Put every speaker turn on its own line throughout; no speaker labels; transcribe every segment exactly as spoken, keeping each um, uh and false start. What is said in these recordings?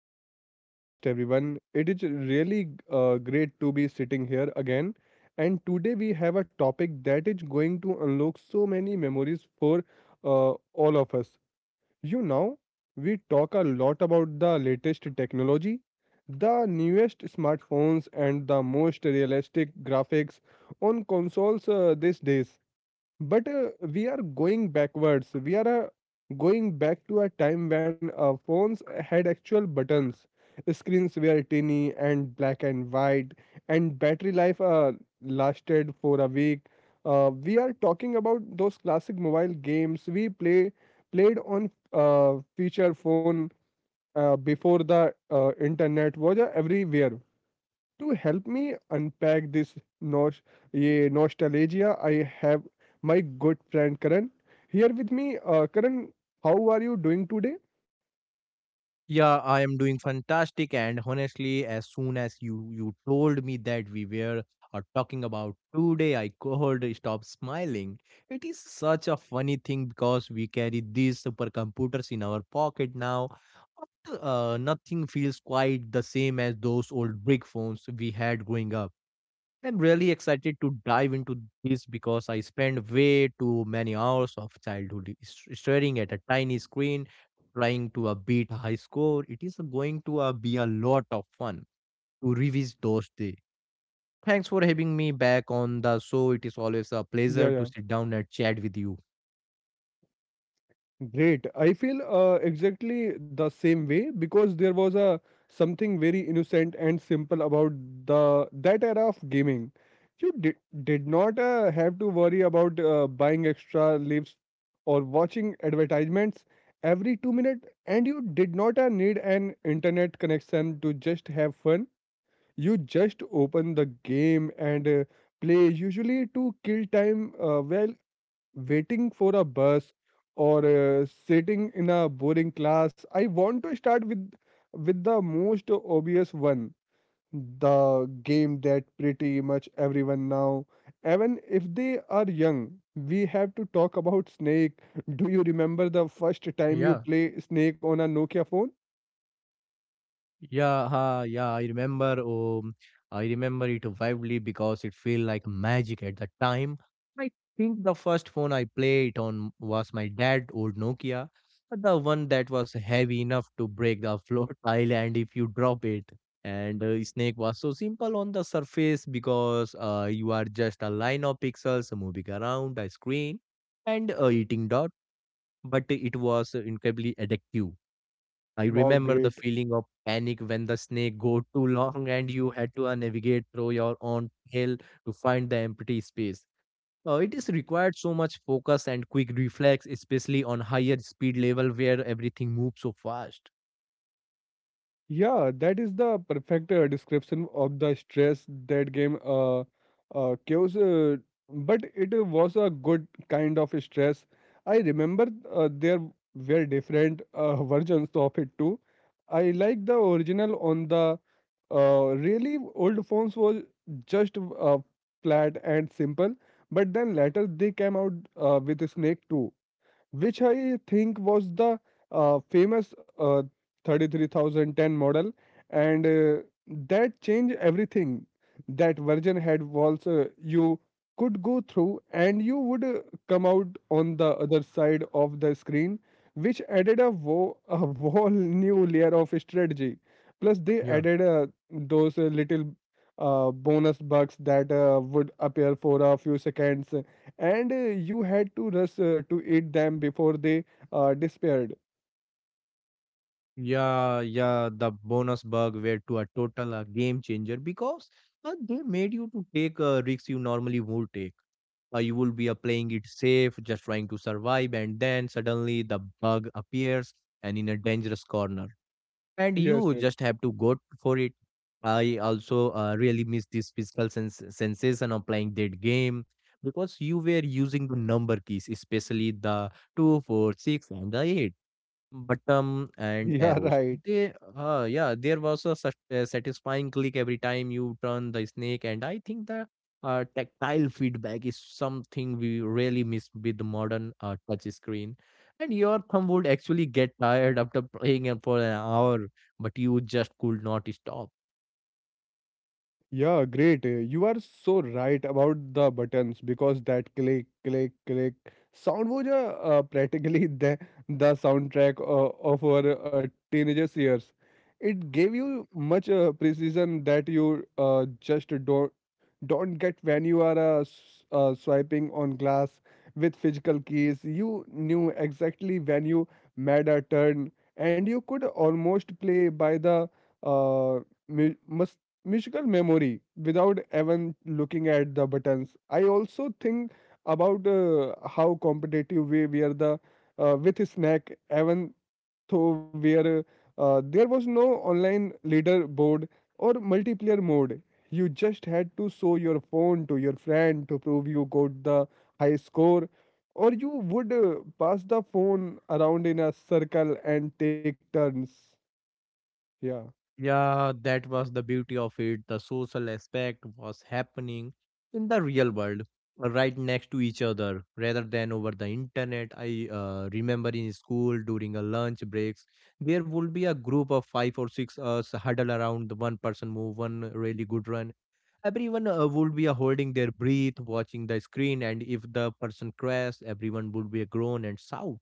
back to the podcast, everyone. It is really uh, great to be sitting here again. And today we have a topic that is going to unlock so many memories for uh, all of us. You know, we talk a lot about the latest technology, the newest smartphones, and the most realistic graphics on consoles uh, these days, but uh, we are going backwards. We are uh, going back to a time when uh, phones had actual buttons, screens were tiny and black and white, and battery life uh, lasted for a week. Uh, we are talking about those classic mobile games we play played on uh, feature phone uh, before the uh, internet was uh, everywhere. To help me unpack this nos- ye nostalgia, I have my good friend Karan here with me. Uh, Karan, how are you doing today?
Yeah, I am doing fantastic. And honestly, as soon as you you told me that we were uh, talking about today, I could stop smiling. It is such a funny thing because we carry these supercomputers in our pocket now. But, uh, nothing feels quite the same as those old brick phones we had growing up. I'm really excited to dive into this because I spend way too many hours of childhood s- staring at a tiny screen trying to uh, beat a high score. It is going to uh, be a lot of fun to revisit those days. Thanks for having me back on the show. It is always a
Yeah,
pleasure to
yeah.
sit down and chat with you.
Great. I feel uh, exactly the same way because there was a something very innocent and simple about the that era of gaming. You did did not uh, have to worry about uh, buying extra lives or watching advertisements every two minutes, and you did not uh, need an internet connection to just have fun. You just open the game and uh, play, usually to kill time. Uh, well, waiting for a bus or uh, sitting in a boring class. I want to start with with the most obvious one, the game that pretty much everyone now, even if they are young, we have to talk about Snake. Do you remember the first time you
Yeah.
play Snake on a Nokia phone?
Yeah, ha, yeah, I remember. Um, I remember it vividly because it felt like magic at the time. I think the first phone I played on was my dad old Nokia, the one that was heavy enough to break the floor tile and if you drop it. And uh, Snake was so simple on the surface because uh, you are just a line of pixels moving around a screen and uh, eating dot, but it was incredibly addictive. I
Wow,
remember
great.
the feeling of panic when the snake go too long and you had to uh, navigate through your own tail to find the empty space. Uh, it is required so much focus and quick reflex, especially on higher speed level where everything moves so fast.
Yeah, that is the perfect uh, description of the stress that game uh, uh, caused. Uh, but it uh, was a good kind of stress. I remember uh, there were different uh, versions of it too. I like the original on the uh, really old phones was just uh, flat and simple. But then later they came out uh, with Snake too, which I think was the uh, famous uh, thirty-three thousand ten model, and uh, that changed everything. That version had walls uh, you could go through, and you would uh, come out on the other side of the screen, which added a, wo- a whole new layer of strategy. Plus, they
Yeah.
added uh, those uh, little uh, bonus bugs that uh, would appear for a few seconds, and uh, you had to rush uh, to eat them before they uh, disappeared.
Yeah, yeah, the bonus bug were to a total a game changer because uh, they made you to take uh, risks you normally would take. Uh, you will be uh, playing it safe, just trying to survive, and then suddenly the bug appears and in a dangerous corner, and
Yes,
you
yes.
just have to go for it. I also uh, really miss this physical sens- sensation of playing that game because you were using the number keys, especially the two, four, six, and the eight Button and
Yeah,
arrows.
right.
They, uh, yeah, there was a sat- uh, satisfying click every time you turn the snake, and I think the uh, tactile feedback is something we really miss with the modern uh, touch screen. And your thumb would actually get tired after playing it for an hour, but you just could not stop.
Yeah, great. Uh, You are so right about the buttons because that click, click, click sound was uh, uh, practically, the, the soundtrack uh, of our uh, teenagers' years. It gave you much uh, precision that you uh, just don't don't get when you are uh, s- uh, swiping on glass with physical keys. You knew exactly when you made a turn, and you could almost play by the uh, mu- musical memory without even looking at the buttons. I also think about uh, how competitive we were the uh, with snack, even though where uh, there was no online leaderboard or multiplayer mode. You just had to show your phone to your friend to prove you got the high score, or you would uh, pass the phone around in a circle and take turns. Yeah.
Yeah, that was the beauty of it. The social aspect was happening in the real world, uh, right next to each other, rather than over the internet. I uh, remember in school during a lunch breaks, there would be a group of five or six us huddle around the one person move one really good run. Everyone uh, would be uh, holding their breath, watching the screen, and if the person crashed, everyone would be a groan and shout.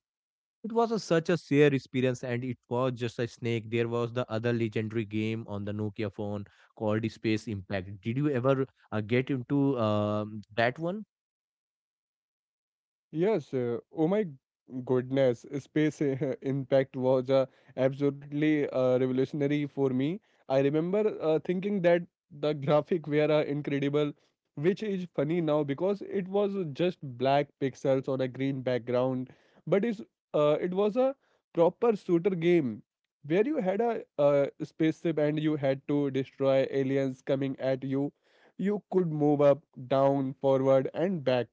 It was a, such a sheer experience, and it was just a snake. There was the other legendary game on the Nokia phone called Space Impact. Did you ever uh, get into um, that one?
Yes, uh, oh my goodness, uh, Space uh, Impact was uh, absolutely uh, revolutionary for me. I remember uh, thinking that the graphic were uh, incredible, which is funny now because it was just black pixels on a green background, but is uh, it was a proper shooter game where you had a uh, spaceship and you had to destroy aliens coming at you. You could move up, down, forward, and back,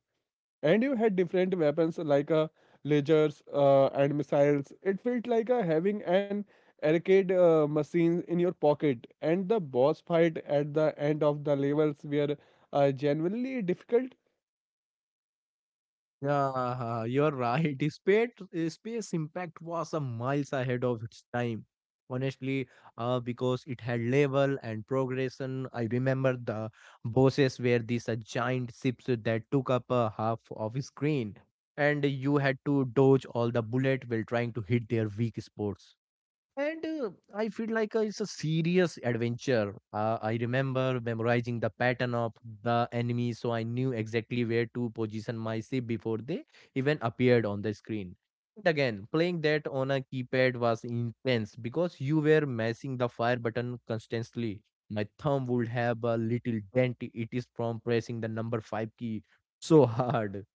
and you had different weapons like uh, lasers uh, and missiles. It felt like uh, having an arcade uh, machine in your pocket. And the boss fight at the end of the levels were uh, genuinely difficult.
Yeah, you're right. Space, space impact was a miles ahead of its time. Honestly, uh, because it had level and progression. I remember the bosses were these uh, giant ships that took up a half of screen, and you had to dodge all the bullet while trying to hit their weak spots. And uh, I feel like uh, it's a serious adventure. Uh, I remember memorizing the pattern of the enemy, so I knew exactly where to position my ship before they even appeared on the screen. But again, playing that on a keypad was intense because you were messing the fire button constantly. My thumb would have a little dent, it is from pressing the number five key so hard.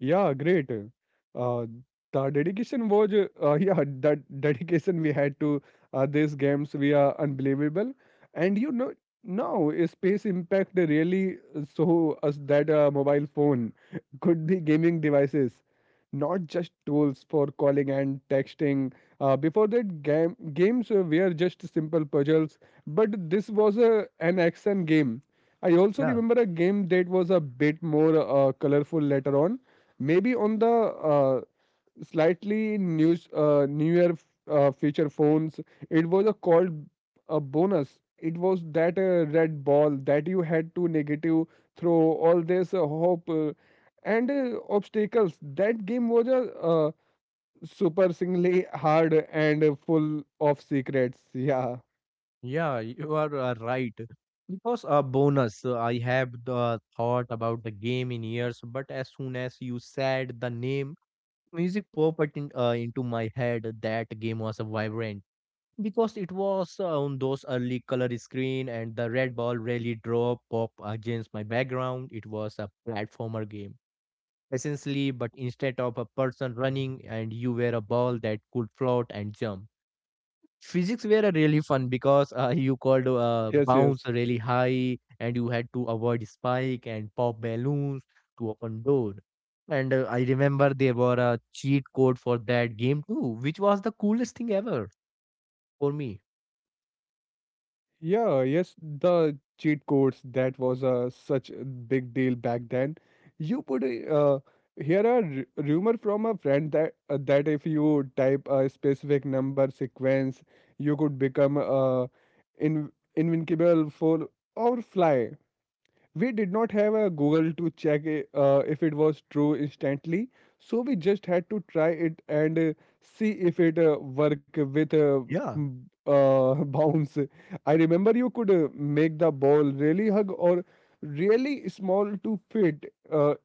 Yeah, great. Uh, the dedication was, uh, yeah, that dedication we had to uh, these games, we are unbelievable. And you know, now uh, Space Impact really show us that a mobile phone could be gaming devices, not just tools for calling and texting. Uh, before that, game games uh, were just simple puzzles, but this was a, an action game. I also
Yeah.
remember a game that was a bit more uh, colorful later on, maybe on the uh, slightly news uh, newer f- uh, feature phones. It was a called a Bonus. It was that uh, red ball that you had to negative throw all this uh, hope uh, and uh, obstacles. That game was a uh, super singly hard and uh, full of secrets, yeah.
Yeah, you are uh, right. Because a bonus, uh, I have the thought about the game in years, but as soon as you said the name, music popped in, uh, into my head. That game was a vibrant because it was uh, on those early color screen and the red ball really draw pop against my background. It was a platformer game essentially, but instead of a person running and you were a ball that could float and jump physics were uh, really fun because uh, you called uh,
Yes, yes.
bounce really high and you had to avoid spike and pop balloons to open door, and uh, I remember there were a cheat code for that game too, which was the coolest thing ever for me.
Yeah, yes, the cheat codes, that was uh, such a big deal back then. You put a, uh, here a r- rumor from a friend that uh, that if you type a specific number sequence, you could become uh, in invincible for or fly. We did not have a Google to check it, uh, if it was true instantly, so we just had to try it and uh, see if it uh, work with uh,
Yeah,
m- uh, bounce. I remember you could uh, make the ball really hug or really small to fit Uh,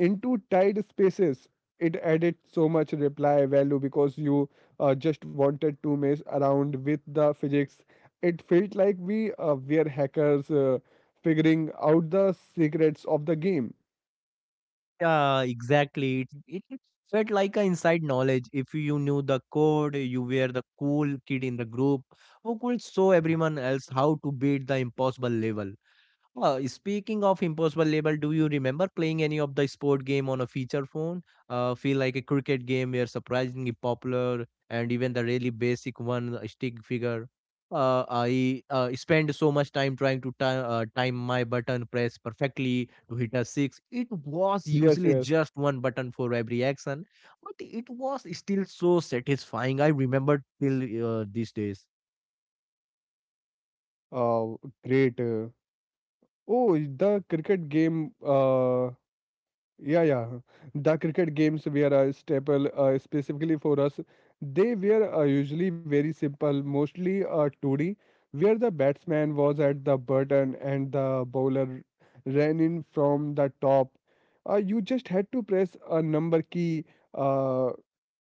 into tight spaces. It added so much reply value because you uh, just wanted to mess around with the physics. It felt like we uh, were hackers uh, figuring out the secrets of the game.
yeah, exactly. It, it it felt like a inside knowledge. If you knew the code, you were the cool kid in the group who could show everyone else how to beat the impossible level. Uh, speaking of impossible label, do you remember playing any of the sport game on a feature phone? Uh, feel like a cricket game were surprisingly popular, and even the really basic one, a stick figure. Uh, I uh, spent so much time trying to ti- uh, time my button press perfectly to hit a six. It was
Yes,
usually
yes.
just one button for every action, but it was still so satisfying. I remember till uh, these days.
Oh, great. Uh, Oh, the cricket game, uh, yeah, yeah. The cricket games were a staple, uh, specifically for us. They were uh, usually very simple, mostly uh, two D, where the batsman was at the button and the bowler ran in from the top. Uh, you just had to press a number key uh,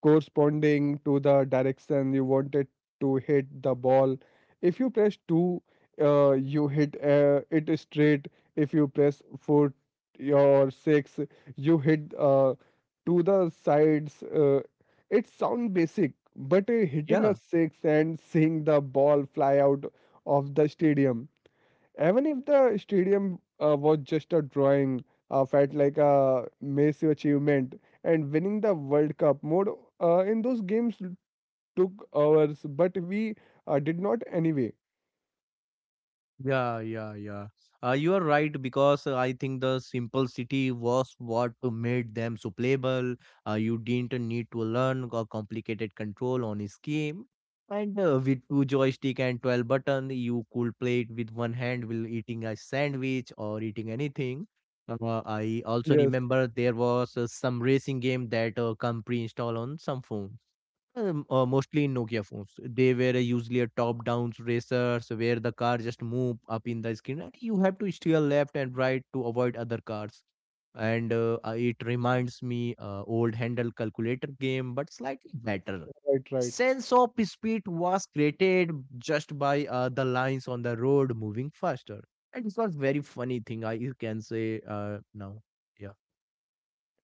corresponding to the direction you wanted to hit the ball. If you press two, uh, you hit uh, it straight. If you press four your six, you hit uh, to the sides. Uh, it sounds basic, but uh, hitting a
Yeah.
six and seeing the ball fly out of the stadium, even if the stadium uh, was just a drawing, uh, felt like a massive achievement. And winning the World Cup mode uh, in those games took hours, but we uh, did not anyway.
Yeah, yeah, yeah. Uh, you are right because uh, I think the simplicity was what made them so playable. Uh, you didn't need to learn a complicated control on a scheme. And uh, with two joystick and twelve button, you could play it with one hand while eating a sandwich or eating anything. Uh, I also
Yes,
remember there was uh, some racing game that uh, come pre-installed on some phones. Um, uh, mostly in Nokia phones. They were usually a top-down racers where the car just move up in the screen and you have to steer left and right to avoid other cars. And uh, uh, it reminds me uh, old handle calculator game, but slightly better.
right, right.
Sense of speed was created just by uh, the lines on the road moving faster. And it was very funny thing I you can say uh, now. Yeah.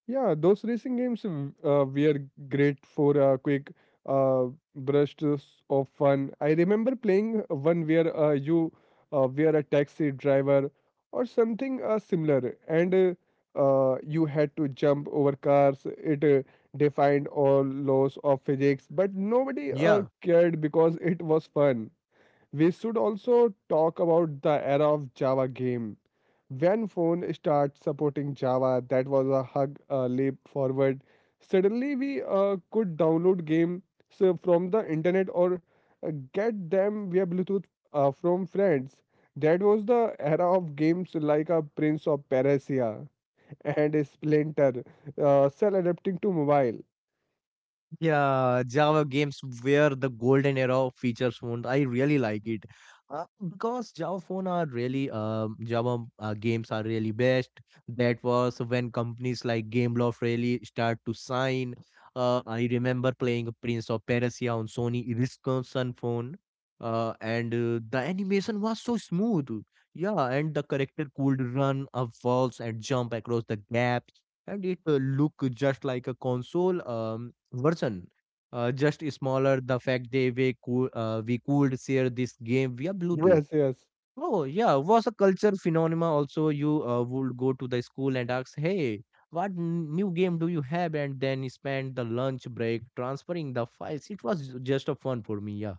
Yeah, those racing games w- uh, were great for a quick uh, bursts of fun. I remember playing one where uh, you uh, were a taxi driver or something uh, similar, and uh, uh, you had to jump over cars. It uh, defined all laws of physics, but nobody uh,
Yeah.
cared because it was fun. We should also talk about the era of Java game. When phone starts supporting Java, that was a hug a leap forward. Suddenly we uh, could download game so from the internet or uh, get them via Bluetooth uh, from friends. That was the era of games like a Prince of Persia and Splinter, uh, still adapting to mobile.
Yeah, Java games where the golden era of features phone. I really like it uh, because Java phone are really um Java uh, games are really best. That was when companies like Gameloft really start to sign. Uh, I remember playing Prince of Persia on Sony Ericsson phone. Uh, and uh, the animation was so smooth. Yeah, and the character could run up walls and jump across the gaps, and it uh, looked just like a console Um, version. Uh, just smaller. The fact they we could uh, we could share this game via Bluetooth.
Yes, yes.
Oh yeah, was a culture phenomena. Also, you uh, would go to the school and ask, "Hey, what n- new game do you have?" And then spend the lunch break transferring the files. It was just a fun for me. Yeah.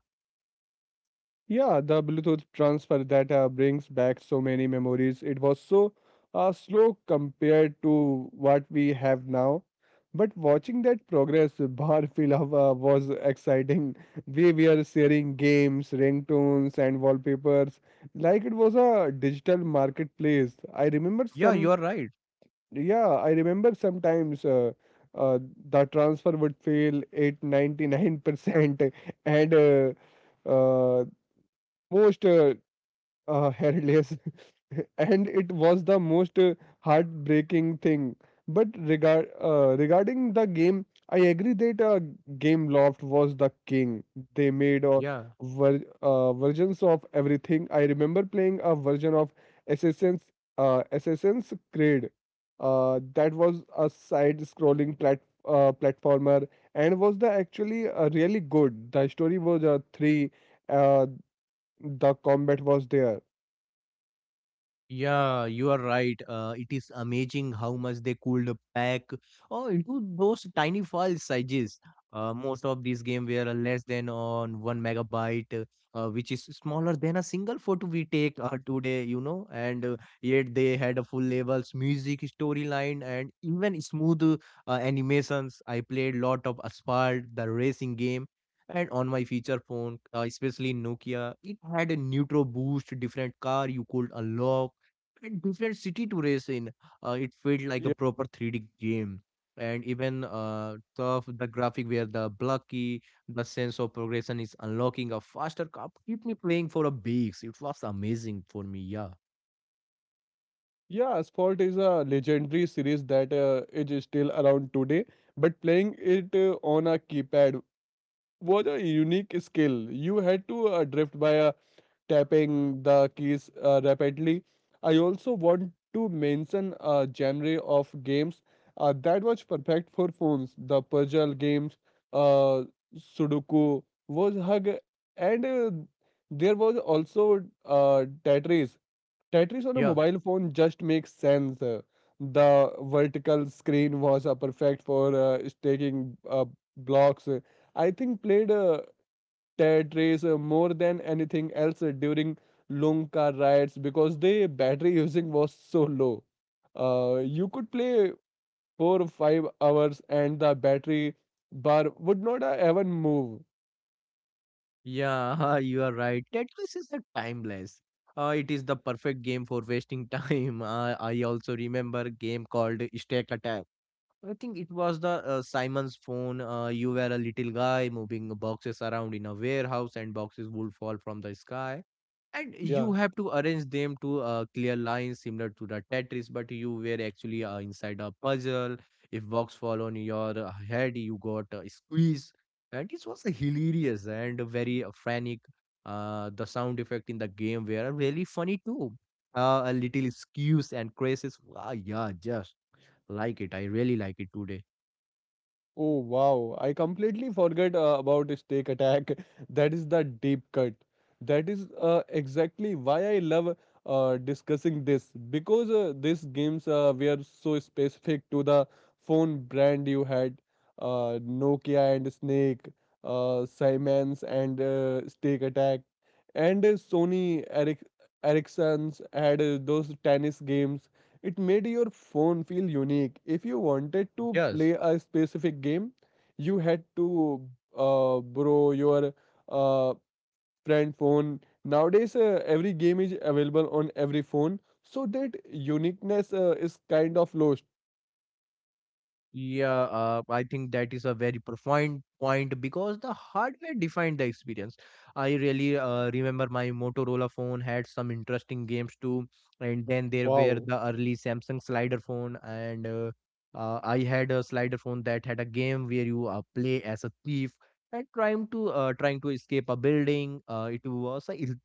Yeah, the Bluetooth transfer, that uh, brings back so many memories. It was so uh, slow compared to what we have now. But watching that progress, Barfilava was exciting. We were sharing games, ringtones, and wallpapers like it was a digital marketplace. I remember
Yeah, you
some,
are right.
yeah, I remember sometimes uh, uh, the transfer would fail at ninety-nine percent, and uh, uh, most uh, uh, headless, and it was the most uh, heartbreaking thing. But regard uh, regarding the game, I agree that uh, Gameloft was the king. They made uh,
Yeah.
ver- uh, versions of everything. I remember playing a version of assassin's uh, Assassin's Creed uh, that was a side scrolling plat- uh, platformer, and was the actually uh, really good. The story was uh, three, uh, the combat was there.
Yeah, you are right. Uh, it is amazing how much they could pack oh, into those tiny file sizes. Uh, most of these games were less than on one megabyte, uh, which is smaller than a single photo we take uh, today, you know. And uh, yet they had a full levels, music, storyline, and even smooth uh, animations. I played lot of Asphalt, the racing game. And on my feature phone, uh, especially Nokia, it had a neutral boost, different car you could unlock and different city to race in. Uh, it felt like a proper three D game. And even uh, tough the graphic where the blocky, the sense of progression is unlocking a faster cup, keep me playing for a weeks. It was amazing for me. Yeah,
Yeah, Asphalt is a legendary series that uh, it is still around today, but playing it uh, on a keypad was a unique skill. You had to uh, drift by uh, tapping the keys uh, rapidly. I also want to mention a genre of games uh, that was perfect for phones. The puzzle games, uh, Sudoku was hug, and uh, there was also uh, Tetris. Tetris on a
yeah,
mobile phone just makes sense. Uh, The vertical screen was uh, perfect for uh, stacking uh, blocks. Uh, I think played uh, Tetris uh, more than anything else uh, during long car rides because the battery using was so low. Uh, you could play four or five hours and the battery bar would not uh, even move.
yeah. You are right. Tetris is a timeless. Uh, it is the perfect game for wasting time. Uh, I also remember a game called Stack Attack. I think it was the uh, Simon's phone. Uh, you were a little guy moving boxes around in a warehouse, and boxes would fall from the sky. And
Yeah.
you have to arrange them to uh, clear lines similar to the Tetris, but you were actually uh, inside a puzzle. If box fall on your uh, head, you got uh, squeezed. And it was hilarious and very uh, frantic. Uh, the sound effect in the game were really funny too. Uh, a little skews and crazes. Ah, yeah, just. Like it. I really like it today.
Oh wow, I completely forget uh, about Snake Attack. That is the deep cut. That is uh, exactly why I love uh, discussing this because uh, these games uh, were so specific to the phone brand you had. uh, Nokia and Snake, uh, Siemens and uh, Snake Attack, and uh, Sony Eric- Ericsson's had uh, those tennis games. It made your phone feel unique. If you wanted to play
Yes.
a specific game, you had to uh, borrow your uh, friend phone. Nowadays, uh, every game is available on every phone, so that uniqueness uh, is kind of lost.
Yeah, uh, I think that is a very profound point because the hardware defined the experience. I really uh, remember my Motorola phone had some interesting games too, and then there were
Wow,
the early Samsung slider phone, and uh, uh, I had a slider phone that had a game where you uh, play as a thief and trying to uh, trying to escape a building. Uh, it was a stealth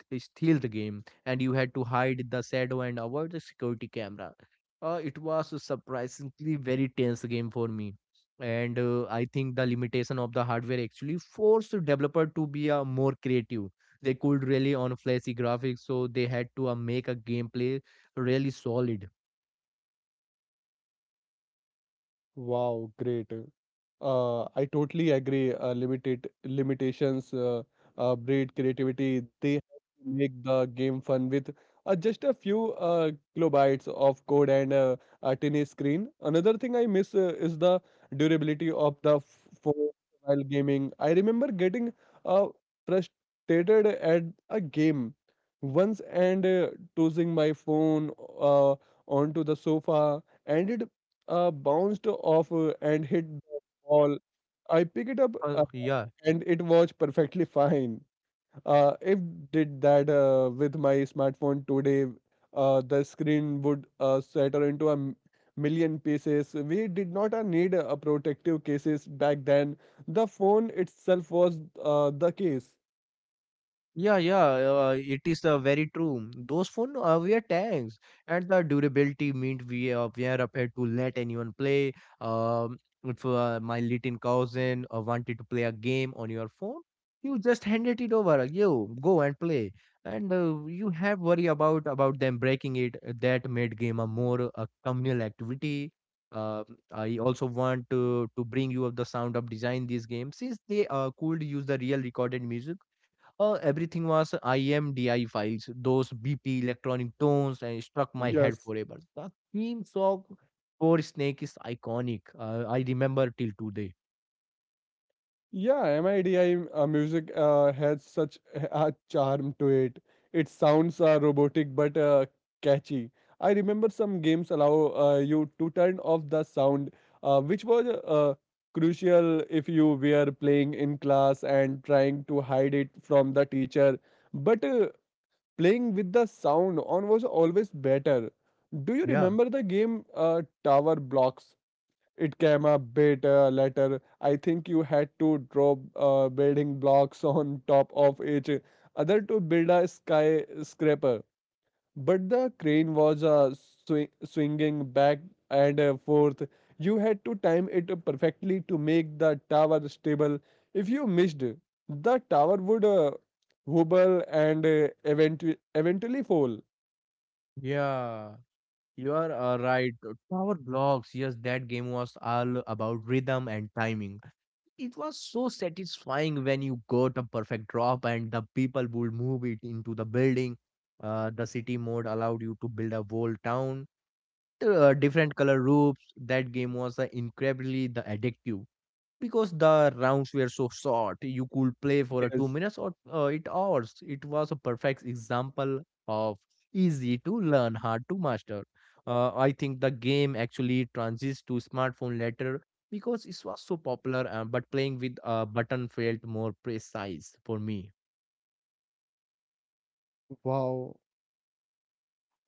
game, and you had to hide the shadow and avoid the security cameras. Uh, it was a surprisingly very tense game for me. And uh, I think the limitation of the hardware actually forced the developer to be uh, more creative. They could rely on flashy graphics, so they had to uh, make a gameplay really solid.
wow, great. Uh, I totally agree. Uh, limited limitations uh, uh, breed creativity. They have to make the game fun with uh, just a few uh, kilobytes of code and uh, a tiny screen. Another thing I miss uh, is the durability of the f- phone while gaming. I remember getting uh, frustrated at a game once and uh, tossing my phone uh, onto the sofa, and it uh, bounced off uh, and hit all. I pick it up uh,
Uh, yeah,
and it works perfectly fine. Uh, if did that uh, with my smartphone today, uh, the screen would uh, shatter into a m- million pieces. We did not uh, need uh, protective cases back then. The phone itself was uh, the case.
Yeah, yeah, uh, it is uh, very true. Those phone uh, were tanks, and the durability meant we uh, were prepared to let anyone play. Um, if uh, my little cousin uh, wanted to play a game on your phone, you just handed it over. uh, You go and play, and uh, you have worry about about them breaking it. uh, That made game a more uh, communal activity. Uh, I also want to to bring you up the sound of design these games since they uh, could use the real recorded music. Uh, everything was I M D I files, those B P electronic tones, and it struck my head
Yes.
forever. The theme song for Snake is iconic. Uh, I remember till today.
Yeah, M I D I uh, music uh, has such a charm to it. Its sounds are robotic but uh, catchy. I remember some games allow uh, you to turn off the sound, uh, which was uh, crucial if you were playing in class and trying to hide it from the teacher. But uh, playing with the sound on was always better. Do you
Yeah,
remember the game uh, Tower Blocks? It came a bit uh, later. I think you had to drop uh, building blocks on top of each other to build a skyscraper. But the crane was uh, swing- swinging back and uh, forth. You had to time it perfectly to make the tower stable. If you missed, the tower would uh, wobble and uh, eventu- eventually fall.
yeah, you are uh, right. Tower Blocks, yes, that game was all about rhythm and timing. It was so satisfying when you got a perfect drop and the people would move it into the building. Uh, the city mode allowed you to build a whole town uh, different color roofs. That game was uh, incredibly the addictive because the rounds were so short. You could play for uh, two
Yes.
minutes or uh, eight hours. It was a perfect example of easy to learn, hard to master. Uh, I think the game actually transits to smartphone later because it was so popular. Uh, but playing with a button felt more precise for me.
Wow.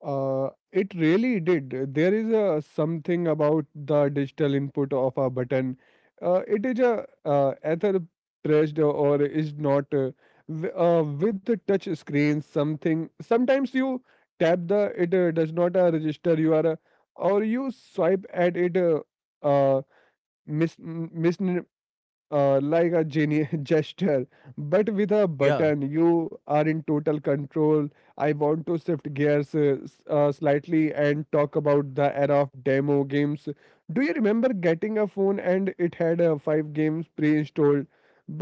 Uh, it really did. There is a something about the digital input of a button. Uh, it is a uh, either pressed or is not. Uh, w- uh, with the touch screen, something sometimes you tap the it uh, does not uh, register. You are uh, or you swipe at it. Uh, uh, mis, mis, uh, like a geni- gesture, but with a
Yeah,
button you are in total control. I want to shift gears uh, s- uh, slightly and talk about the era of demo games. Do you remember getting a phone and it had uh, five games pre-installed,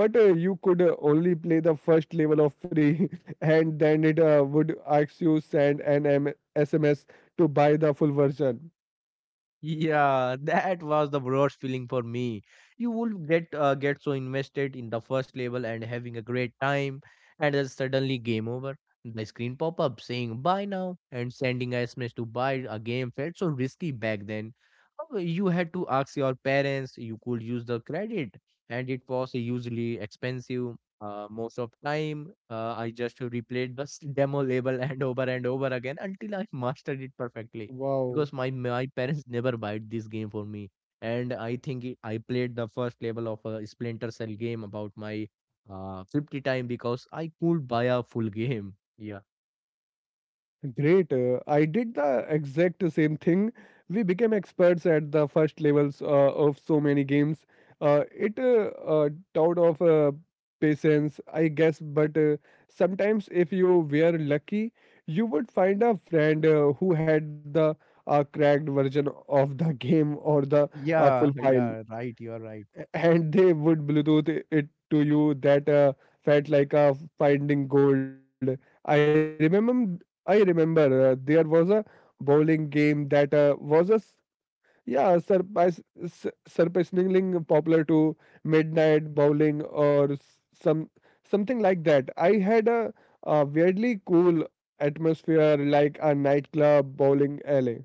but uh, you could uh, only play the first level of free and then it uh, would ask you send an M- sms to buy the full version?
Yeah, that was the worst feeling for me. You would get uh, get so invested in the first level and having a great time, and then suddenly game over. The screen pop up saying buy now and sending a S M S to buy a game felt so risky back then. Uh, You had to ask your parents. You could use the credit, and it was usually expensive. Uh, most of time, uh, I just replayed the s- demo level and over and over again until I mastered it perfectly
Wow.
because my my parents never buy this game for me. And i think it, I played the first level of a splinter cell game about my uh fifty time because I could buy a full game. yeah
Great. Uh, I did the exact same thing. We became experts at the first levels uh, of so many games. Uh, it uh, uh, Taught of uh, patience, I guess, but uh, sometimes if you were lucky, you would find a friend uh, who had the uh, cracked version of the game or the uh,
Yeah,
full file,
yeah, right. You are right.
and they would bluetooth i- it to you. That uh, felt like a finding gold. I remember i remember uh, there was a bowling game that uh, was a s- yeah surprise s- surprisingly popular. To Midnight bowling or s- some something like that. I had a, a weirdly cool atmosphere like a nightclub bowling alley.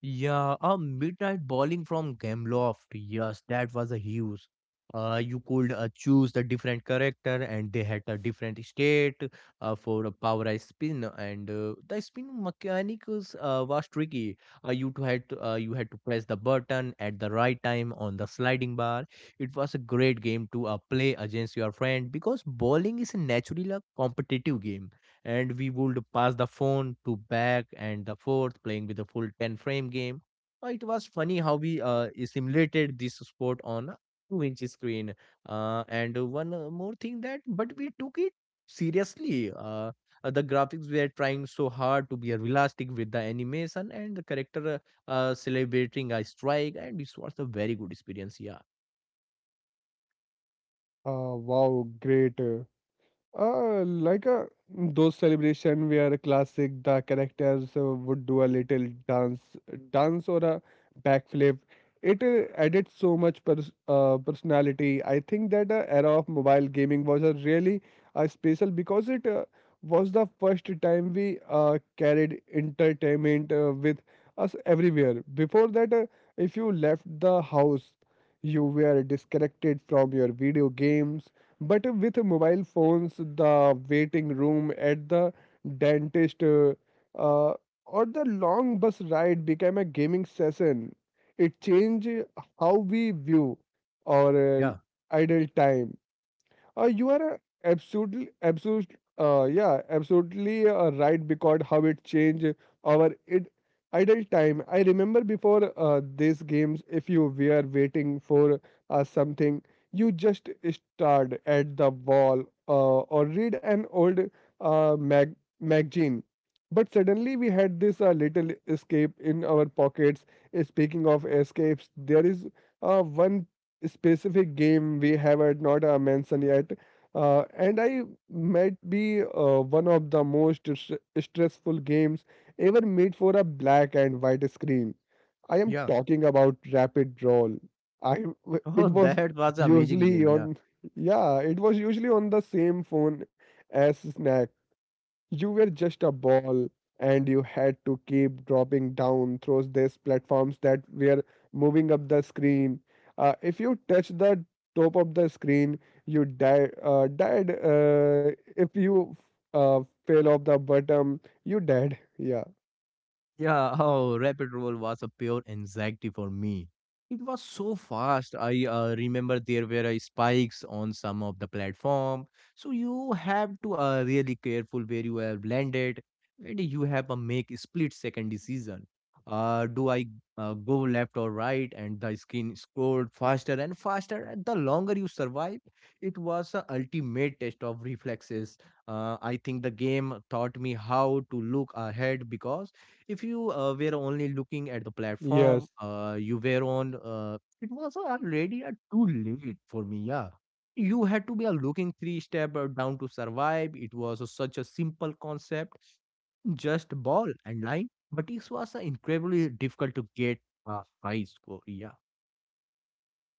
Yeah, a midnight bowling from Gameloft. Yes, that was a huge. Uh, you could uh, choose the different character, and they had a different state uh, for a powerized spin. And uh, the spin mechanics uh, was tricky. Uh, you to had to, uh, you had to press the button at the right time on the sliding bar. It was a great game to uh, play against your friend because bowling is naturally a competitive game, and we would pass the phone to back and the forth playing with a full ten frame game. Uh, it was funny how we uh, simulated this sport on a two inch screen. Uh, and one uh, more thing that but we took it seriously. uh, uh, the graphics were trying so hard to be realistic with the animation and the character, uh, uh, celebrating a strike, and it was a very good experience. yeah
uh, Wow, great. Uh, like a those celebration where a classic the characters uh, would do a little dance, dance or a backflip. It uh, added so much pers uh, personality. I think that uh, era of mobile gaming was a really uh, special because it uh, was the first time we uh, carried entertainment uh, with us everywhere. Before that, uh, if you left the house, you were disconnected from your video games, but with mobile phones, the waiting room at the dentist uh, uh, or the long bus ride became a gaming session. It changed how we view our uh,
Yeah,
idle time. Uh, you are uh, absolutely, absolutely, uh, yeah, absolutely uh, right, because how it changed our it, idle time. I remember before uh, these games, if you were waiting for uh, something, you just stared at the wall uh, or read an old uh, mag- magazine. But suddenly we had this uh, little escape in our pockets. Uh, Speaking of escapes, there is uh, one specific game we have uh, not uh, mentioned yet. Uh, and I might be uh, one of the most stre- stressful games ever made for a black and white screen. I am
yeah.
talking about Rapid Roll. I w-
Oh,
it was
that was an amazing
usually
game. Yeah.
on yeah, It was usually on the same phone as Snack. You were just a ball, and you had to keep dropping down through these platforms that were moving up the screen. Uh, if you touch the top of the screen, you die, uh, died. Uh, if you uh, fell off the bottom, you died. Yeah.
Yeah, oh, Rapid Roll was a pure anxiety for me. It was so fast. I uh, remember there were uh, spikes on some of the platform. So you have to uh, really careful where you have landed, and you have a make split second decision. Uh, do I uh, go left or right? And the skin scrolled faster and faster. And the longer you survive, it was a ultimate test of reflexes. Uh, I think the game taught me how to look ahead because if you uh, were only looking at the platform,
Yes.
uh, you were on, uh, it was already uh, too late for me. Yeah. You had to be uh, looking three step uh, down to survive. It was uh, such a simple concept, just ball and line. But it was uh, incredibly difficult to get a high score. Yeah.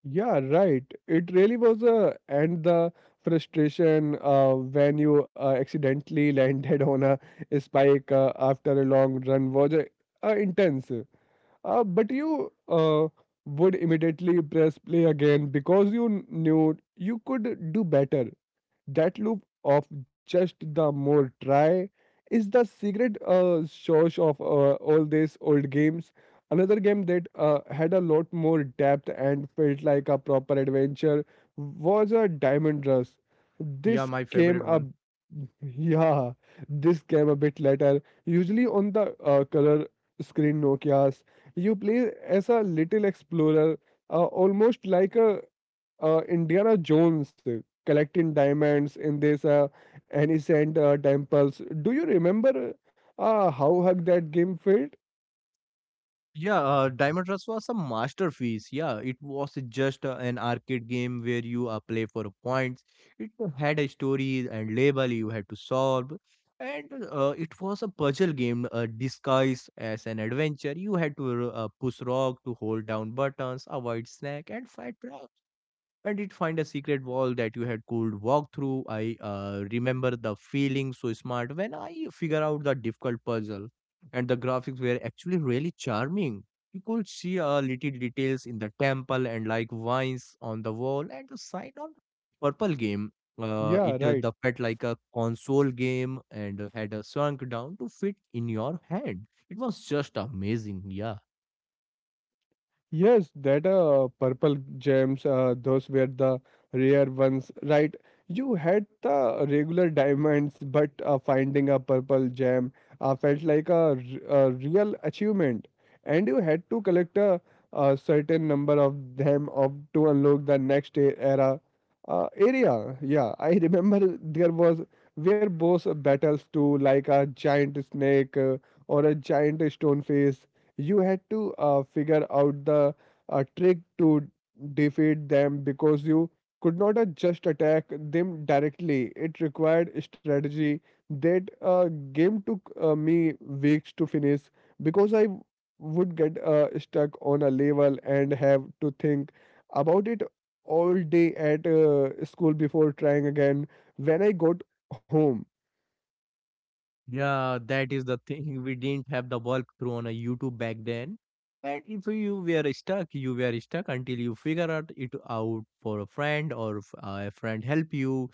Yeah, right. It really was. A and the frustration uh, when you uh, accidentally landed on a spike uh, after a long run was uh, uh, intense. Uh, but you uh, would immediately press play again because you knew you could do better. That loop of just the more try is the secret uh, source of uh, all these old games. Another game that uh, had a lot more depth and felt like a proper adventure was a Diamond Rush.
Yeah,
This
my
came
favorite
a
one.
yeah, this came a bit later. Usually on the uh, color screen Nokia's, you play as a little explorer, uh, almost like a uh, Indiana Jones uh, collecting diamonds in this uh, innocent uh, temples. Do you remember uh, how hug that game felt?
Yeah, uh, Diamond Rush was a masterpiece. Yeah, it was just uh, an arcade game where you uh, play for points. It had a story and label you had to solve, and uh, it was a puzzle game uh, disguised as an adventure. You had to uh, push rock to hold down buttons, avoid snack, and fight and it find a secret wall that you had could walk through. I uh, remember the feeling so smart when I figure out the difficult puzzle, and the graphics were actually really charming. You could see uh, little details in the temple and like vines on the wall and the sign on purple game. Uh,
Yeah,
it uh,
right.
The felt like a console game and had uh, shrunk down to fit in your hand. It was just amazing, yeah.
Yes, that uh, purple gems, uh, those were the rare ones, right? You had the regular diamonds, but uh, finding a purple gem uh, felt like a, r- a real achievement. And you had to collect a, a certain number of them of, to unlock the next e- era uh, area. Yeah, I remember there was were boss battles too, like a giant snake uh, or a giant stone face. You had to uh, figure out the uh, trick to defeat them because you could not uh, just attack them directly. It required strategy that uh, game took uh, me weeks to finish because I would get uh, stuck on a level and have to think about it all day at uh, school before trying again when I got home.
Yeah, that is the thing. We didn't have the walkthrough on a YouTube back then. And if you were stuck, you were stuck until you figure out it out for a friend or f- uh, a friend help you.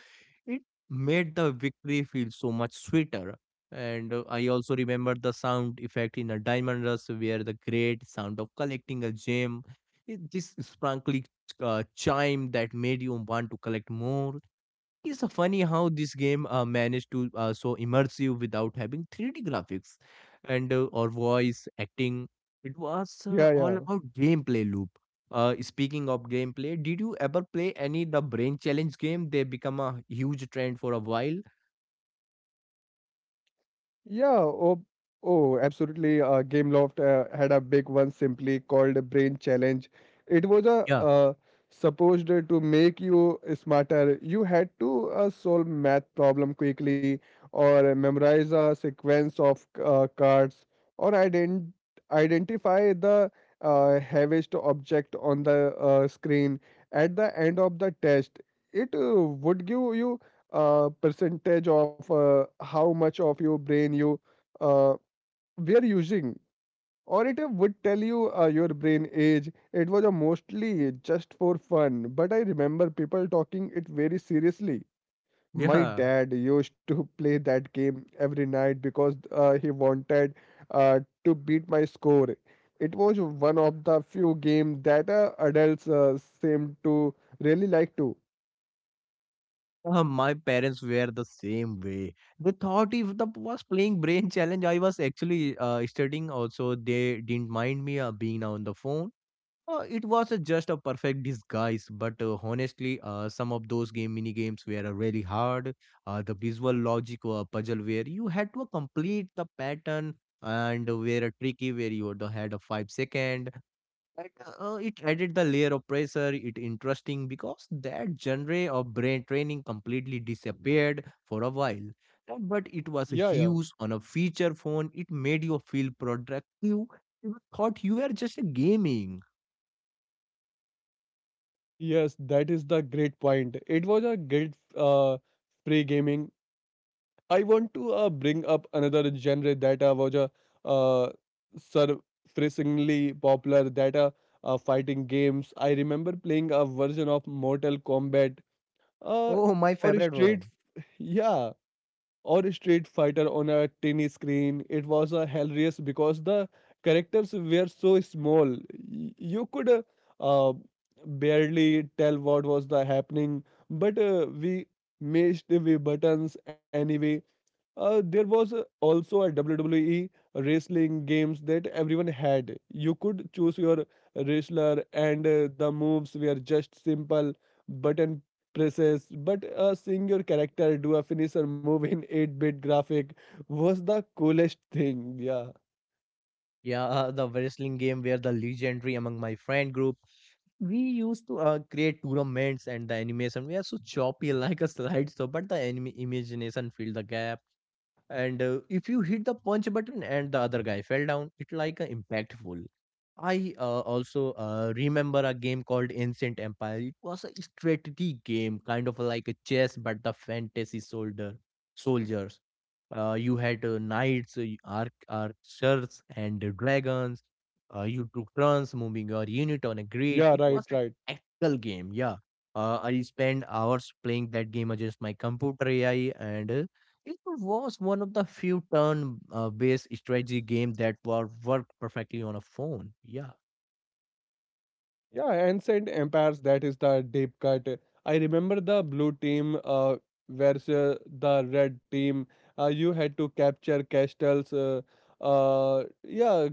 It made the victory feel so much sweeter. And uh, I also remember the sound effect in a Diamond Rush, where the great sound of collecting a gem, it, this sparkly uh, chime that made you want to collect more. It's uh, funny how this game uh, managed to uh, so immersive without having three D graphics and uh, or voice acting. It was uh,
Yeah,
all
yeah.
about gameplay loop. Uh, speaking of gameplay, did you ever play any the brain challenge game? They become a huge trend for a while.
Yeah, oh, oh, absolutely. Uh, Gameloft uh, had a big one simply called Brain Challenge. It was a
Yeah,
uh, supposed to make you smarter. You had to uh, solve math problem quickly, or memorize a sequence of uh, cards, or ident identify the uh, heaviest object on the uh, screen. At the end of the test, it uh, would give you uh, percentage of uh, how much of your brain you uh, were using, or it would tell you uh, your brain age. It was a mostly just for fun, but I remember people talking it very seriously. My
yeah.
dad used to play that game every night because uh, he wanted uh, to beat my score. It was one of the few games that uh, adults uh, seemed to really like to.
Uh, my parents were the same way. They thought if the was playing brain challenge, I was actually uh, studying. Also, they didn't mind me uh, being on the phone. Uh, it was uh, just a perfect disguise, but uh, honestly, uh, some of those game mini games were uh, really hard. Uh, the visual logic uh, puzzle where you had to complete the pattern and were uh, tricky where you had had a five second. And, uh, it added the layer of pressure. It interesting because that genre of brain training completely disappeared for a while. Uh, But it was
Yeah, yeah.
huge on a feature phone. It made you feel productive. You thought you were just gaming.
Yes, that is the great point. It was a great uh, free gaming. I want to uh, bring up another genre that uh, was uh, uh, surprisingly popular, that uh, uh, fighting games. I remember playing a version of Mortal Kombat uh,
Oh, my
or
favorite
Street.
one.
Yeah, or Street Fighter on a tiny screen. It was uh, hilarious because the characters were so small. Y- You could uh, uh, barely tell what was the happening, but uh, we mashed the buttons anyway. Uh, there was uh, also a W W E wrestling games that everyone had. You could choose your wrestler, and uh, the moves were just simple button presses. But uh, seeing your character do a finisher move in eight-bit graphic was the coolest thing. Yeah,
Yeah, uh, the wrestling game where the legendary among my friend group. We used to uh, create tournaments and the animation. We are so choppy like a slideshow, but the anime imagination filled the gap. And uh, if you hit the punch button and the other guy fell down it like a impactful. I uh, also uh, remember a game called ancient empire. It was a strategy game kind of like a chess but the fantasy soldier soldiers. Uh, you had uh, knights, uh, arc archers, and uh, dragons. Uh, you took turns moving your
yeah,
unit on a
right, right.
grid. It was a tactical game. yeah uh, I spent hours playing that game against my computer AI, and uh, it was one of the few turn-based strategy games that were worked perfectly on a phone. Yeah,
Yeah, ancient empires. That is the deep cut. I remember the blue team uh, versus the red team. Uh, you had to capture castles. Uh, uh, yeah,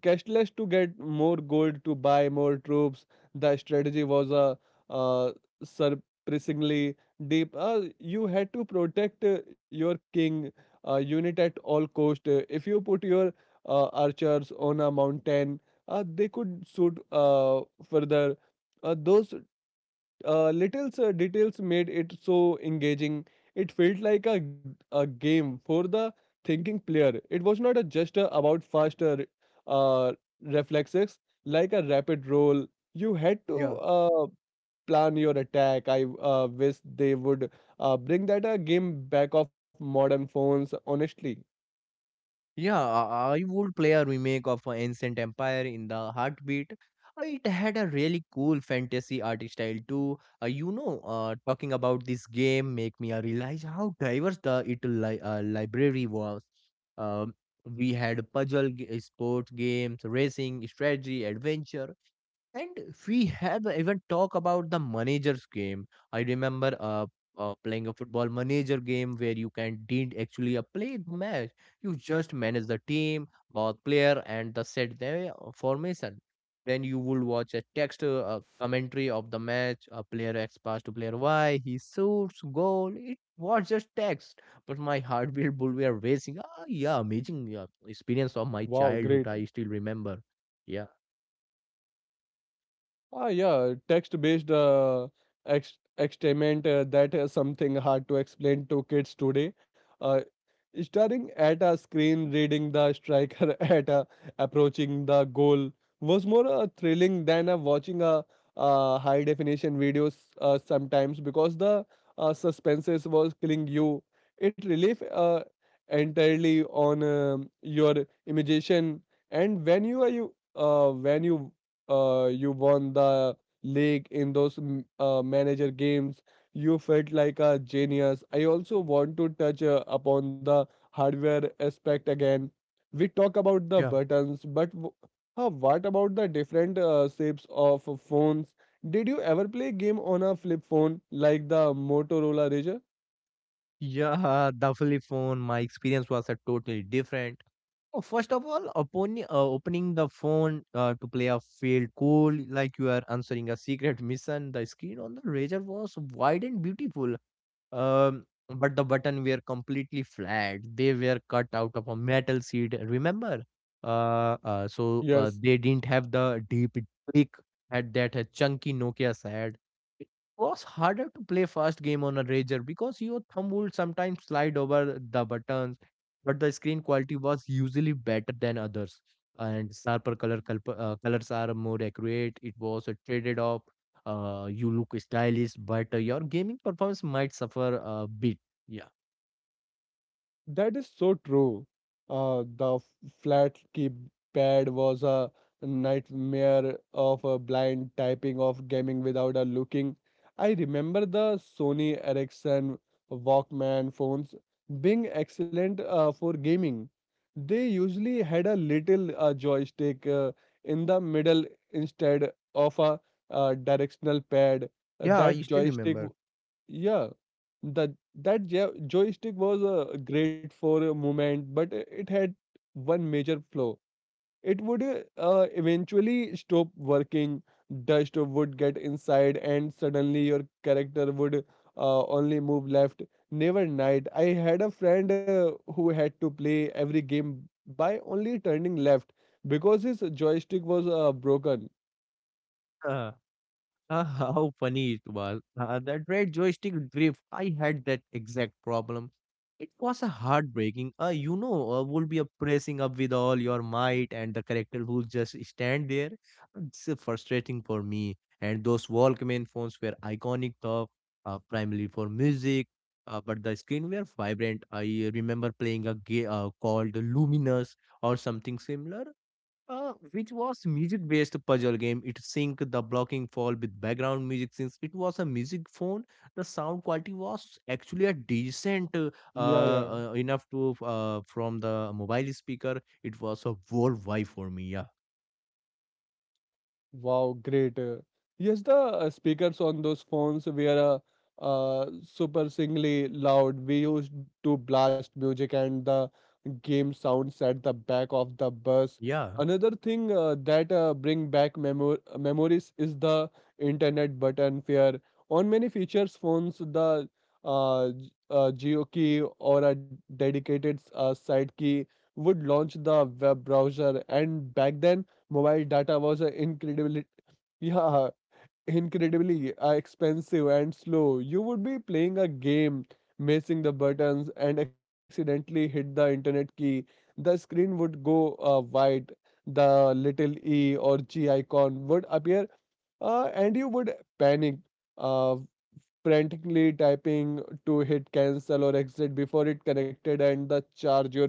cashless to get more gold to buy more troops. The strategy was a uh, surprisingly deep. Uh, you had to protect uh, your king uh, unit at all cost. Uh, if you put your uh, archers on a mountain, uh, they could shoot uh, further. Uh, those uh, little uh, details made it so engaging. It felt like a, a game for the thinking player. It was not a just uh, about faster uh, reflexes, like a rapid roll. You had to
Yeah.
uh, plan your attack. I uh, wish they would uh, bring that uh, game back of modern phones, honestly.
yeah. I I would play a remake of uh, Ancient Empire in the Heartbeat. Uh, It had a really cool fantasy art style too. Uh, you know, uh, talking about this game make me uh, realize how diverse the it li uh, library was. Um, we had puzzle, g- sports games, racing, strategy, adventure. And we have even talk about the manager's game. I remember uh, uh playing a football manager game where you can didn't actually uh, play the match. You just manage the team, both player, and the set their formation. Then you would watch a text uh, uh, commentary of the match. A player X pass to player Y. He shoots goal. It was just text, but my heartbeat would be racing. Ah, yeah, amazing yeah, experience of my
Wow,
childhood.
great.
I still remember. Yeah.
Ah, yeah, text-based uh, ex experiment uh, that is something hard to explain to kids today. Uh, Starting at a screen, reading the striker at a, approaching the goal was more uh, thrilling than uh, watching a, uh high-definition videos uh, sometimes because the uh, suspenses was killing you. It relief uh, entirely on um, your imagination, and when you are you uh, when you uh, you won the league in those m- uh, manager games. You felt like a genius. I also want to touch uh, upon the hardware aspect again. We talk about the buttons, but w- uh, what about the different uh, shapes of phones? Did you ever play game on a flip phone like the Motorola Razr?
Yeah, the flip phone, my experience was a totally different. Oh, first of all, upon uh, opening the phone uh, to play a field cool, like you are answering a secret mission, the screen on the razor was wide and beautiful. Um, but the button were completely flat. They were cut out of a metal sheet. Remember, uh, uh, so uh,
Yes.
they didn't have the deep click at that a chunky Nokia had. It was harder to play fast game on a razor because your thumb would sometimes slide over the buttons, but the screen quality was usually better than others, and sharper color culp- uh, colors are more accurate. It was a traded off. Uh, you look stylish, but uh, your gaming performance might suffer a bit, yeah.
That is so true. Uh, the f- flat keypad was a nightmare of a blind typing of gaming without a looking. I remember the Sony Ericsson Walkman phones being excellent uh, for gaming. They usually had a little uh, joystick uh, in the middle instead of a uh, directional pad. Uh,
Yeah, you
that
still
joystick
remember.
yeah, that that jo- joystick was uh, great for a moment, but i- it had one major flaw. It would uh, uh, eventually stop working. Dust would get inside, and suddenly your character would uh, only move left, never right. I had a friend uh, who had to play every game by only turning left because his joystick was uh, broken.
Uh, how funny it was. Uh, that red joystick drift, I had that exact problem. It was a heartbreaking. Uh, you know, uh, would be a pressing up with all your might, and the character will just stand there. It's uh, frustrating for me. And those Walkman phones were iconic, though, uh, primarily for music, uh, but the screen were vibrant. I remember playing a game uh, called Luminous or something similar, uh, which was music-based puzzle game. It synced the blocking fall with background music since it was a music phone. The sound quality was actually a decent, uh,
Yeah, yeah.
uh, enough to uh, from the mobile speaker. It was a worldwide for me. Yeah,
Wow, great. Uh, Yes, the uh, speakers on those phones were uh, uh, super singly loud. We used to blast music and the game sounds at the back of the bus.
yeah.
Another thing uh, that uh, bring back memor uh, memories is the internet button fear. On many features phones, the uh, g- uh, geo key or a dedicated uh, site key would launch the web browser, and back then mobile data was uh, incredibly, yeah, incredibly uh, expensive and slow. You would be playing a game, missing the buttons, and accidentally hit the internet key. The screen would go uh, white. The little E or G icon would appear, uh, and you would panic, uh, frantically typing to hit cancel or exit before it connected and the charge your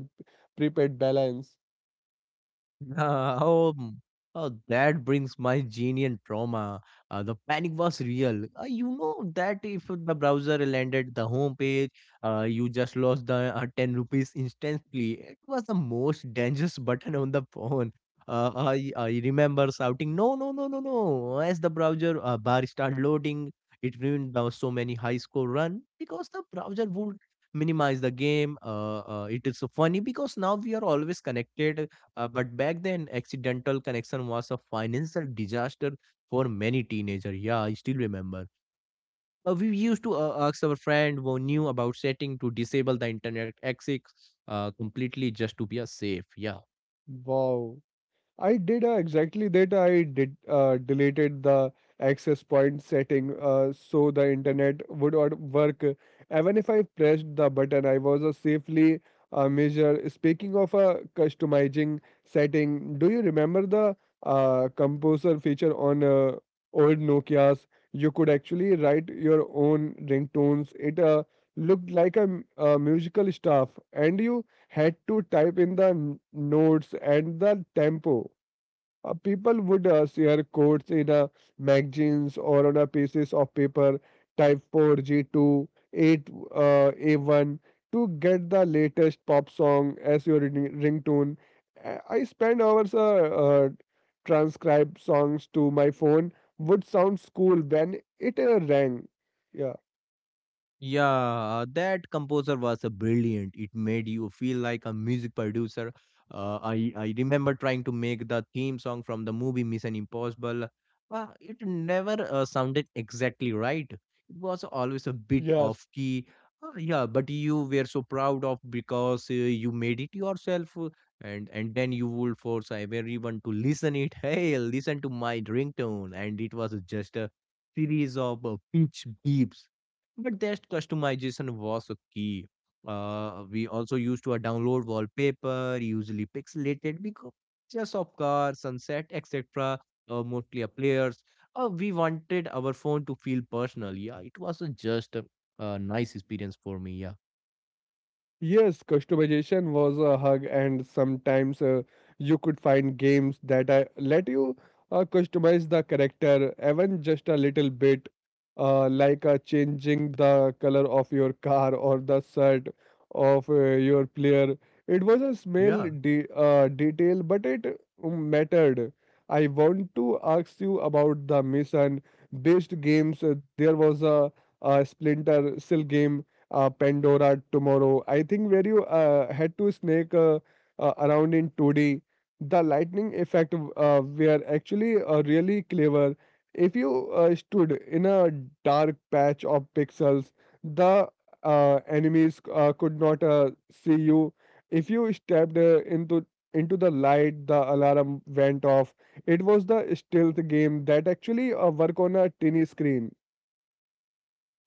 prepaid balance.
Uh, oh, mm, oh, that brings my genial trauma. Uh, the panic was real. Uh, you know that if the browser landed the home page, uh, you just lost the uh, ten rupees instantly. It was the most dangerous button on the phone. Uh, I, I remember shouting, no, no, no, no, no, as the browser uh, bar started loading. It ruined the so many high score run because the browser would minimize the game. Uh, uh, it is so funny because now we are always connected, uh, but back then, accidental connection was a financial disaster for many teenagers. Yeah, I still remember. Uh, we used to uh, ask our friend who knew about setting to disable the internet access uh, completely, just to be a safe. Yeah.
Wow. I did uh, exactly that. I did uh, deleted the access point setting uh, so the internet would not work. Even if I pressed the button, I was a safely uh, measure. Speaking of uh, customizing setting, do you remember the uh, composer feature on uh, old Nokia's? You could actually write your own ringtones. It uh, looked like a, m- a musical staff, and you had to type in the n- notes and the tempo. Uh, people would uh, share quotes in uh, magazines or on a pieces of paper, type four, G two, eight, uh, A one to get the latest pop song as your ring- ringtone. A- I spend hours uh, uh, transcribe songs to my phone. Would sound cool when it uh, rang. Yeah.
Yeah, that composer was a brilliant. It made you feel like a music producer. Uh, I I remember trying to make the theme song from the movie Mission Impossible. Uh, it never uh, sounded exactly right. It was always a bit
Yes.
off key. Uh, yeah, but you were so proud of because uh, you made it yourself, uh, and and then you would force everyone to listen it. Hey, listen to my ringtone, and it was just a series of uh, pitch beeps, but that customization was a key. Uh, we also used to uh, download wallpaper, usually pixelated pictures of cars, sunset, et cetera. Uh, mostly uh, players. Uh, we wanted our phone to feel personal. Yeah, it was a just a, a nice experience for me. Yeah,
Yes, customization was a hug, and sometimes uh, you could find games that uh, let you uh, customize the character even just a little bit, uh, like uh, changing the color of your car or the shirt of uh, your player. It was a small
yeah.
de uh, detail, but it uh, mattered. I want to ask you about the mission-based games. Uh, there was a, a Splinter Cell game uh, Pandora Tomorrow. I think where you uh, had to snake uh, uh, around in two D, the lightning effect uh, were actually uh, really clever. If you uh, stood in a dark patch of pixels, the uh, enemies uh, could not uh, see you. If you stepped uh, into into the light, the alarm went off. It was the stealth game that actually uh, work on a tiny screen.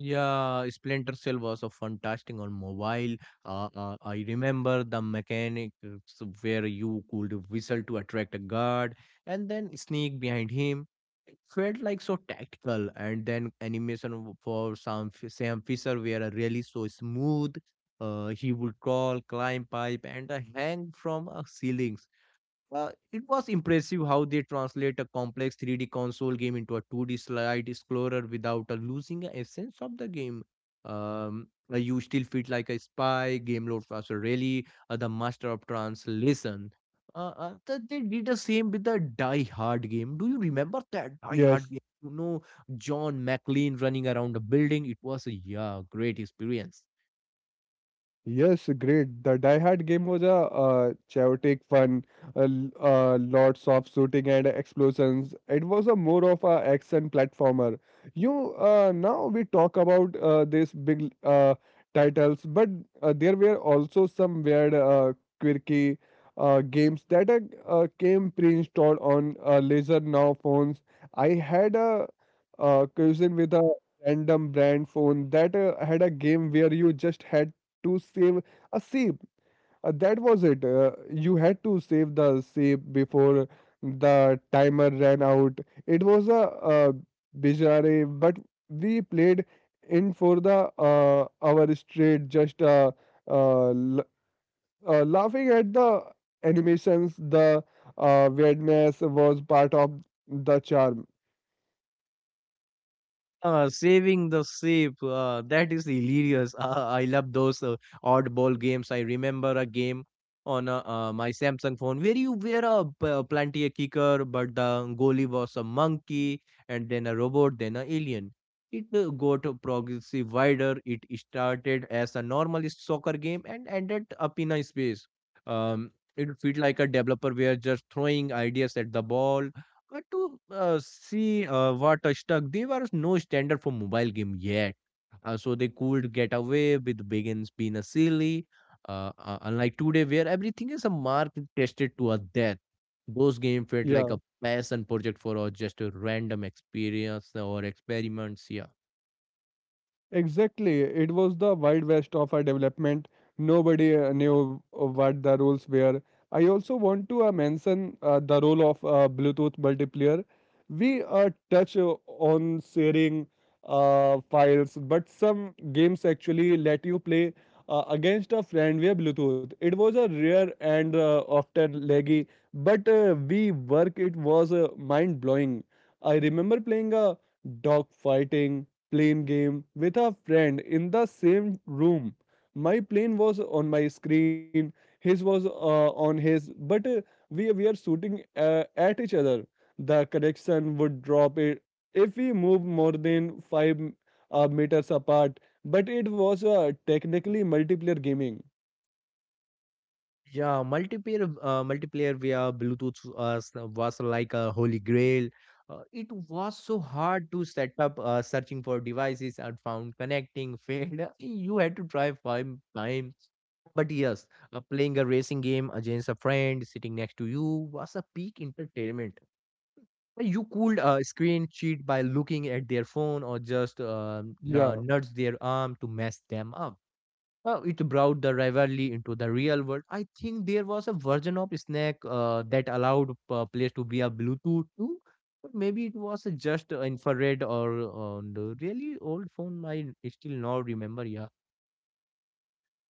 Yeah, Splinter Cell was a fantastic on mobile. Uh, uh, I remember the mechanics where you could whistle to attract a guard and then sneak behind him. It felt like so tactical, and then animation w- for Sam, F- Sam Fisher were really so smooth. Uh, he would crawl, climb pipe, and uh, hang from a ceiling. Uh, it was impressive how they translate a complex three D console game into a two D slide explorer without uh, losing the essence of the game. Um, uh, you still feel like a spy. Game Lord was really uh, the master of translation. Uh, uh, th- they did the same with the Die Hard game. Do you remember that Die
Yes.
Hard game? You know, John McLean running around the building. It was a, yeah, great experience.
Yes, great. The Die Hard game was a uh, chaotic fun, uh, l- uh, lots of shooting and explosions. It was a more of a action platformer. You uh, now we talk about uh, these big uh, titles, but uh, there were also some weird, uh, quirky uh, games that uh, uh, came pre-installed on uh, Laser Now phones. I had a uh, cousin with a random brand phone that uh, had a game where you just had to save a sip. Uh, that was it. Uh, you had to save the sip before the timer ran out. It was a uh, bizarre, but we played in for the uh, hour straight, just uh, uh, l- uh, laughing at the animations. The uh, weirdness was part of the charm.
Uh, saving the ship. Uh, that is hilarious. Uh, I love those uh, oddball games. I remember a game on uh, uh, my Samsung phone where you were a p- uh, plenty a kicker, but the goalie was a monkey, and then a robot, then a alien. It uh, got progressively wider. It started as a normal soccer game and ended up in a space. Um, it felt like a developer were just throwing ideas at the ball but to uh, see uh, what uh, stuck. There was no standard for mobile game yet. Uh, so they could get away with begins being a silly. Uh, uh, unlike today, where everything is a mark tested to a death. Those game felt like
Yeah.
a passion project for or just a random experience or experiments. Yeah.
Exactly. It was the Wild West of our development. Nobody uh, knew uh, what the rules were. I also want to uh, mention uh, the role of uh, Bluetooth multiplayer. We uh, touch uh, on sharing uh, files, but some games actually let you play uh, against a friend via Bluetooth. It was a rare and uh, often laggy, but uh, we work. It was uh, mind blowing. I remember playing a dog fighting playing game with a friend in the same room. My plane was on my screen, his was uh, on his, but uh, we were shooting uh, at each other. The connection would drop it if we move more than five uh, meters apart. But it was uh, technically multiplayer gaming.
Yeah, multiplayer uh, multiplayer via Bluetooth uh, was like a holy grail. Uh, it was so hard to set up, uh, searching for devices and found connecting failed. You had to try five times. But yes, uh, playing a racing game against a friend sitting next to you was a peak entertainment. Uh, You could uh, screen cheat by looking at their phone, or just uh,
Yeah.
n- nudge their arm to mess them up. Uh, it brought the rivalry into the real world. I think there was a version of Snack uh, that allowed uh, players to be a Bluetooth too. But maybe it was a just uh, infrared or on the really old phone. I still not remember. Yeah,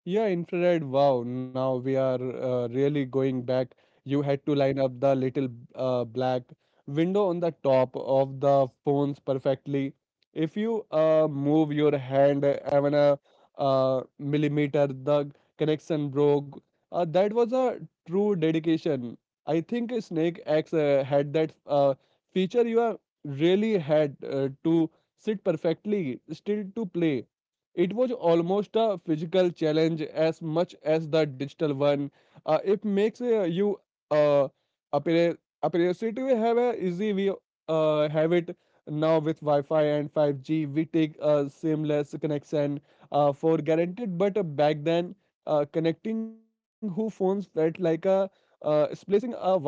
Yeah, infrared. Wow, now we are uh, really going back. You had to line up the little uh, black window on the top of the phones perfectly. If you uh, move your hand even a uh, millimeter, the connection broke. Uh, that was a true dedication. I think Snake X uh, had that uh, feature. You are really had uh, to sit perfectly still to play. It was almost a physical challenge as much as the digital one. Uh, it makes uh, you uh, appear appear to have a easy we uh, have it now with Wi-Fi and five G. We take a seamless connection uh, for guaranteed, but uh, back then uh, connecting who phones felt like a uh, splacing a wire.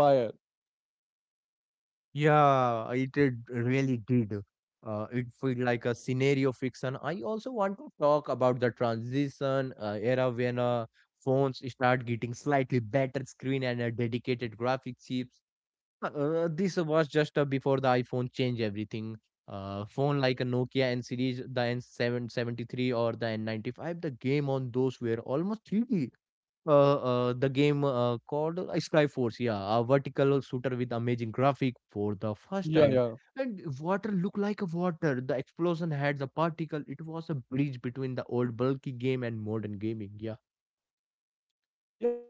yeah, it did- really did. Uh, it felt like a scenario fiction. I also want to talk about the transition uh, era when uh, phones start getting slightly better screen and a dedicated graphic chips. Uh, this was just uh, before the iPhone changed everything. Uh, phone like a Nokia N series, the N seven seven three or the N ninety-five, the game on those were almost three D. Uh, uh, the game uh, called uh, Skyforce, yeah, a vertical shooter with amazing graphic for the first time.
Yeah, yeah.
And water looked like a water. The explosion had the particle. It was a bridge between the old bulky game and modern gaming.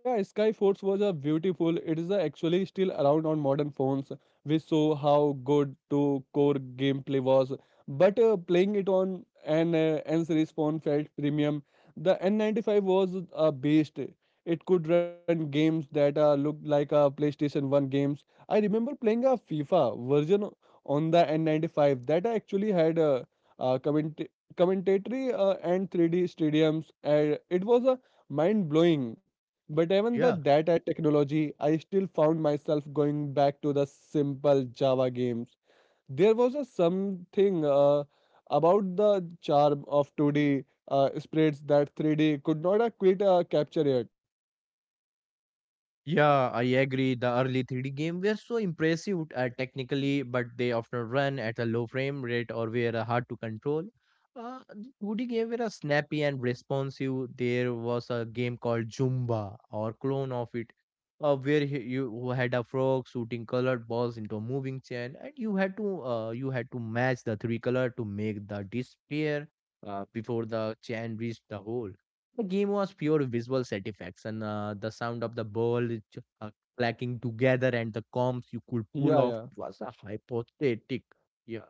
Yeah, Skyforce was a beautiful. It is uh, actually still around on modern phones. We saw how good to core gameplay was, but uh, playing it on an uh, N series phone felt premium. The N ninety-five was a beast. It could run games that uh, looked like a PlayStation one games. I remember playing a FIFA version on the N ninety-five that actually had uh, uh, comment commentatory uh, and three D stadiums. And it was a mind blowing but even the
Yeah.
that uh, technology, I still found myself going back to the simple Java games. There was a something uh, about the charm of two D uh, sprites that three D could not uh, quite uh, capture yet.
Yeah, I agree. The early three D game were so impressive uh, technically, but they often run at a low frame rate or were uh, hard to control. Uh, the two D game were uh, snappy and responsive. There was a game called Zumba or clone of it, uh, where he- you had a frog shooting colored balls into a moving chain, and you had to uh, you had to match the three color to make the disappear uh, before the chain reached the hole. The game was pure visual satisfaction. Uh, the sound of the ball ch- uh, clacking together and the comps you could
Yeah, yeah.
pull off. It was a hypothetic. Yeah.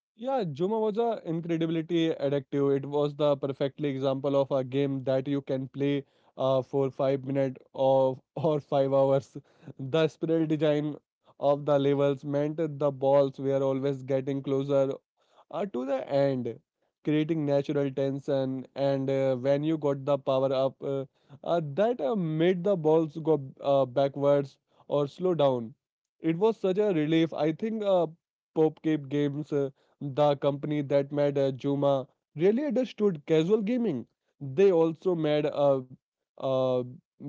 Yeah, Juma was a incredibly addictive. It was the perfectly example of a game that you can play uh, for five minutes or or five hours. The spiral design of the levels meant the balls were always getting closer uh, to the end, creating natural tension. And uh, when you got the power up, uh, uh, that uh, made the balls go uh, backwards or slow down. It was such a relief. I think uh, Pope Cape Games, uh, the company that made uh, Juma, really understood casual gaming. They also made a uh,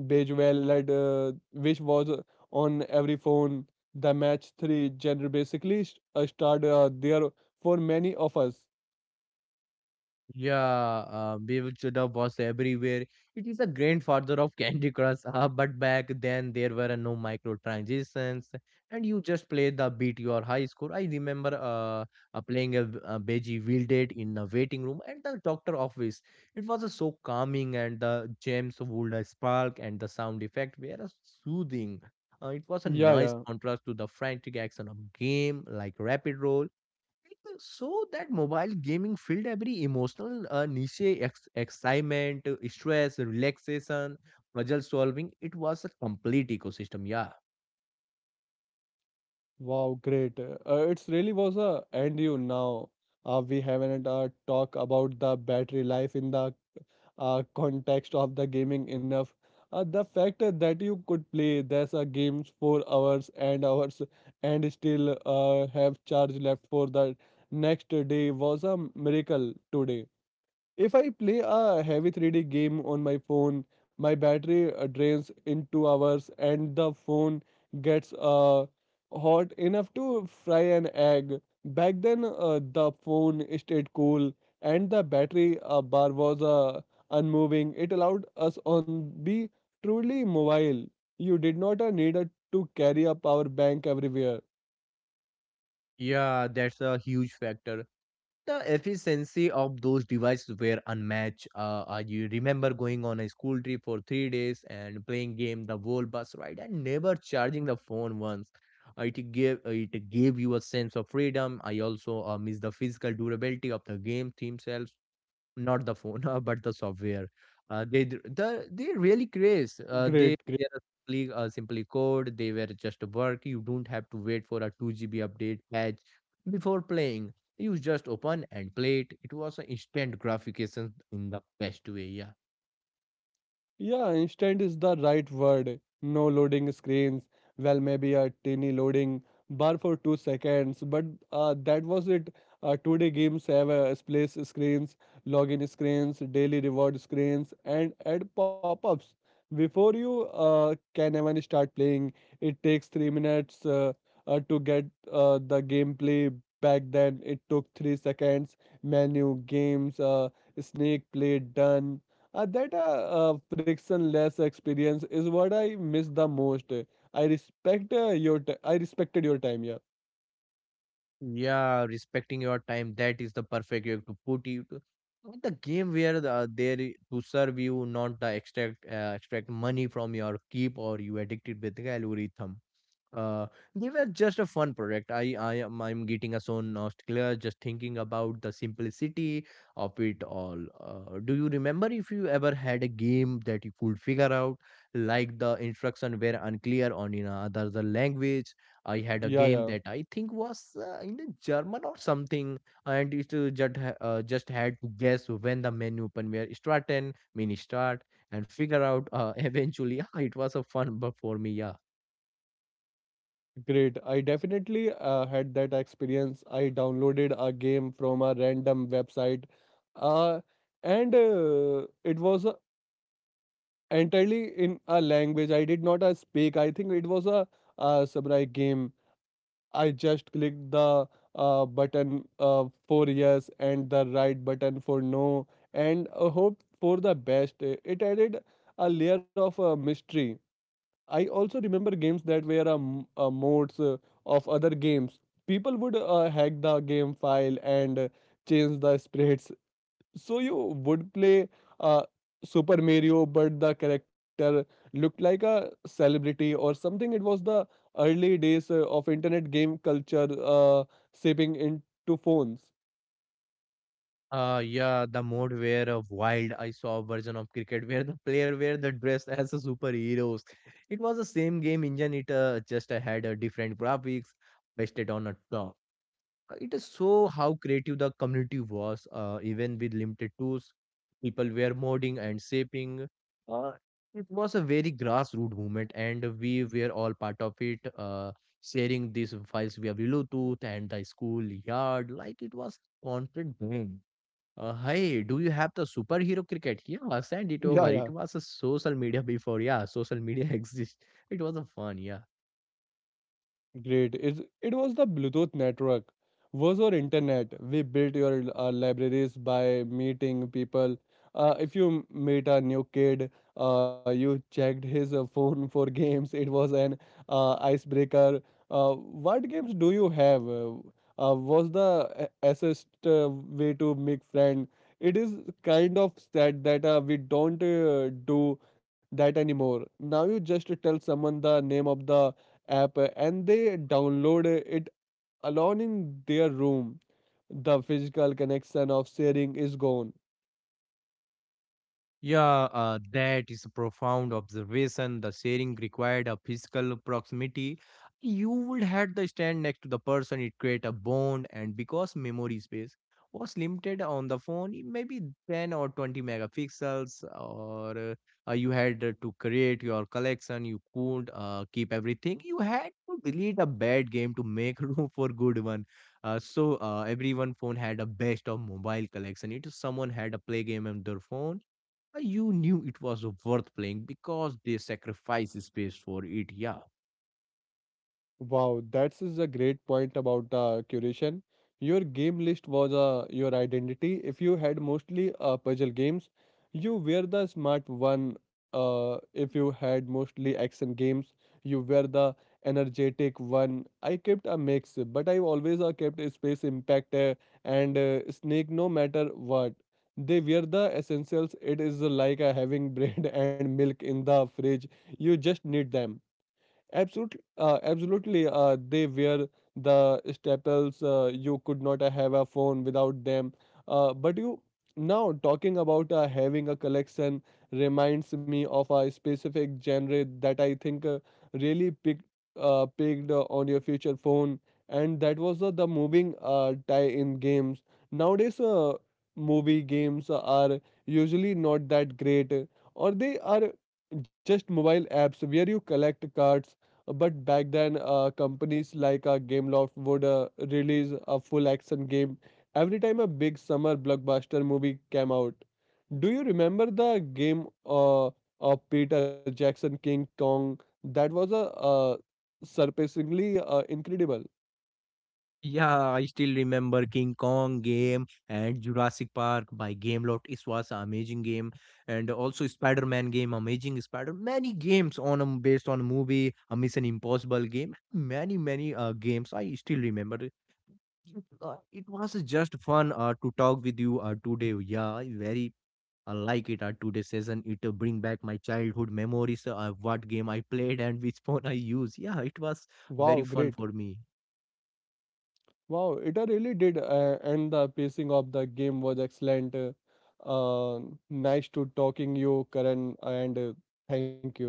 Bejeweled, led, uh, which was uh, on every phone. The match three genre basically st- uh, started uh, there for many of us.
Yeah, uh, Bevil Chudda was everywhere. It is a grandfather of Candy Crush. Uh, but back then there were uh, no microtransactions, and you just played the beat your high score. I remember uh, uh, playing a, v- a Beji Wielded in the waiting room at the doctor office. It was uh, so calming, and the gems would uh, spark, and the sound effect were uh, soothing. Uh, it was a
Yeah,
nice
yeah.
contrast to the frantic action of game like Rapid Roll, like. So that mobile gaming filled every emotional uh, niche: ex- excitement, uh, stress, relaxation, puzzle solving. It was a complete ecosystem. Yeah,
Wow, great. Uh, it's really was a and you now. Uh, we haven't uh, talked about the battery life in the uh, context of the gaming enough. Uh, the fact that you could play there's a games for hours and hours and still uh, have charge left for the next day was a miracle today. If I play a heavy three D game on my phone, my battery uh, drains in two hours and the phone gets uh, hot enough to fry an egg. Back then, uh, the phone stayed cool and the battery uh, bar was uh, unmoving. It allowed us on be truly mobile. You did not uh, need uh, to carry a power bank everywhere.
yeah, that's a huge factor. The efficiency of those devices were unmatched. Uh, I You remember going on a school trip for three days and playing game the whole bus ride and never charging the phone once. Uh, It gave uh, it gave you a sense of freedom. I also uh, miss the physical durability of the game themselves, not the phone, uh, but the software. Uh, they d- the they really craze. Uh,
Great.
they they are simply uh, simply code. They were just work. You don't have to wait for a two G B update patch before playing. You just open and play it. It was an instant gratification in the best way. Yeah,
Yeah, instant is the right word. No loading screens. Well, maybe a teeny loading bar for two seconds, but uh, that was it. Uh, today games have uh, splash screens, login screens, daily reward screens, and ad pop-ups. Before you uh, can even start playing, it takes three minutes uh, uh, to get uh, the gameplay. Back then, it took three seconds. Menu, games, uh, snake play, done uh, that uh, uh, frictionless experience is what I miss the most. I respect uh, your t- I respected your time. Yeah,
yeah. Respecting your time. That is the perfect way to put it. Not the game where the, there i- to serve you, not the extract uh, extract money from your keep or you addicted with the algorithm. Uh, they were just a fun project. I, I am, I'm getting a so nostalgia just thinking about the simplicity of it all. Uh, do you remember if you ever had a game that you could figure out, like the instruction were unclear on in another language? I had a
yeah,
game
yeah.
that I think was uh, in the German or something, and it uh, just ha- uh, just had to guess when the menu open were starting, mini start, and figure out. Uh, eventually, it was a fun but for me, yeah.
Great. I definitely uh, had that experience. I downloaded a game from a random website, uh, and uh, it was uh, entirely in a language I did not uh, speak. I think it was a uh, samurai game, I just clicked the uh, button uh, for yes and the right button for no and uh, hope for the best. It added a layer of uh, mystery. I also remember games that were um, uh, modes uh, of other games. People would uh, hack the game file and uh, change the sprites so you would play uh, Super Mario, but the character looked like a celebrity or something. It was the early days uh, of internet game culture uh, shaping into phones.
Uh, yeah, the mode where a wild I saw a version of cricket where the player wear the dress as a superheroes. It was the same game engine. It uh, just uh, had a different graphics pasted on a top. Uh, It is so how creative the community was. Uh, even with limited tools, people were modding and shaping. Uh, it was a very grassroots movement, and we were all part of it. Uh, sharing these files via Bluetooth and the school yard, like it was concrete game. Uh, hey, do you have the superhero cricket? Yeah, send it
Yeah,
over.
yeah.
It was a social media before. Yeah, social media exists. It was a fun. Yeah.
Great. It, it was the Bluetooth network, was our internet. We built your uh, libraries by meeting people. Uh, if you m- meet a new kid, uh, you checked his uh, phone for games. It was an uh, icebreaker. Uh, what games do you have? Uh, uh, was the a- assist uh, way to make friend? It is kind of sad that uh, we don't uh, do that anymore. Now you just tell someone the name of the app uh, and they download uh, it alone in their room. The physical connection of sharing is gone.
Yeah, uh, that is a profound observation. The sharing required a physical proximity. You would had the stand next to the person, it create a bond, and because memory space was limited on the phone, it maybe ten or twenty megapixels, or uh, uh, you had uh, to create your collection, you couldn't uh, keep everything. You had to delete a bad game to make room for good one. Uh, so uh, everyone phone had a best of mobile collection. It is someone had a play game on their phone. uh, You knew it was worth playing because they sacrificed space for it. Yeah.
Wow, that's is a great point about uh, curation. Your game list was uh, your identity. If you had mostly uh, puzzle games, you were the smart one. Uh, if you had mostly action games, you were the energetic one. I kept a mix, but I always uh, kept a space impact uh, and uh, snake no matter what. They were the essentials. It is like uh, having bread and milk in the fridge. You just need them. Absolutely, uh, absolutely. Uh, they were the staples. Uh, you could not uh, have a phone without them. Uh, but you now talking about uh, having a collection reminds me of a specific genre that I think uh, really picked uh, picked uh, on your future phone, and that was uh, the moving uh, tie-in games. Nowadays, uh, movie games are usually not that great, or they are just mobile apps where you collect cards but back then, uh, companies like uh, Gameloft would uh, release a full action game every time a big summer blockbuster movie came out. Do you remember the game uh, of Peter Jackson King Kong? That was a uh, surpassingly uh, incredible.
Yeah, I still remember King Kong game and Jurassic Park by Gameloft. It was an amazing game, and also Spider-Man game, amazing Spider. Many games on a, based on a movie, a Mission Impossible game. Many many uh, games I still remember. It, uh, it was just fun uh, to talk with you uh, today. Yeah, very I like it at today's session. It uh, bring back my childhood memories, uh, what game I played and which phone I use. Yeah, it was
Wow,
very fun
great.
for me.
Wow, it uh, really did. Uh, and the pacing of the game was excellent. Uh, uh, Nice to talking you, Karan, and uh, thank you.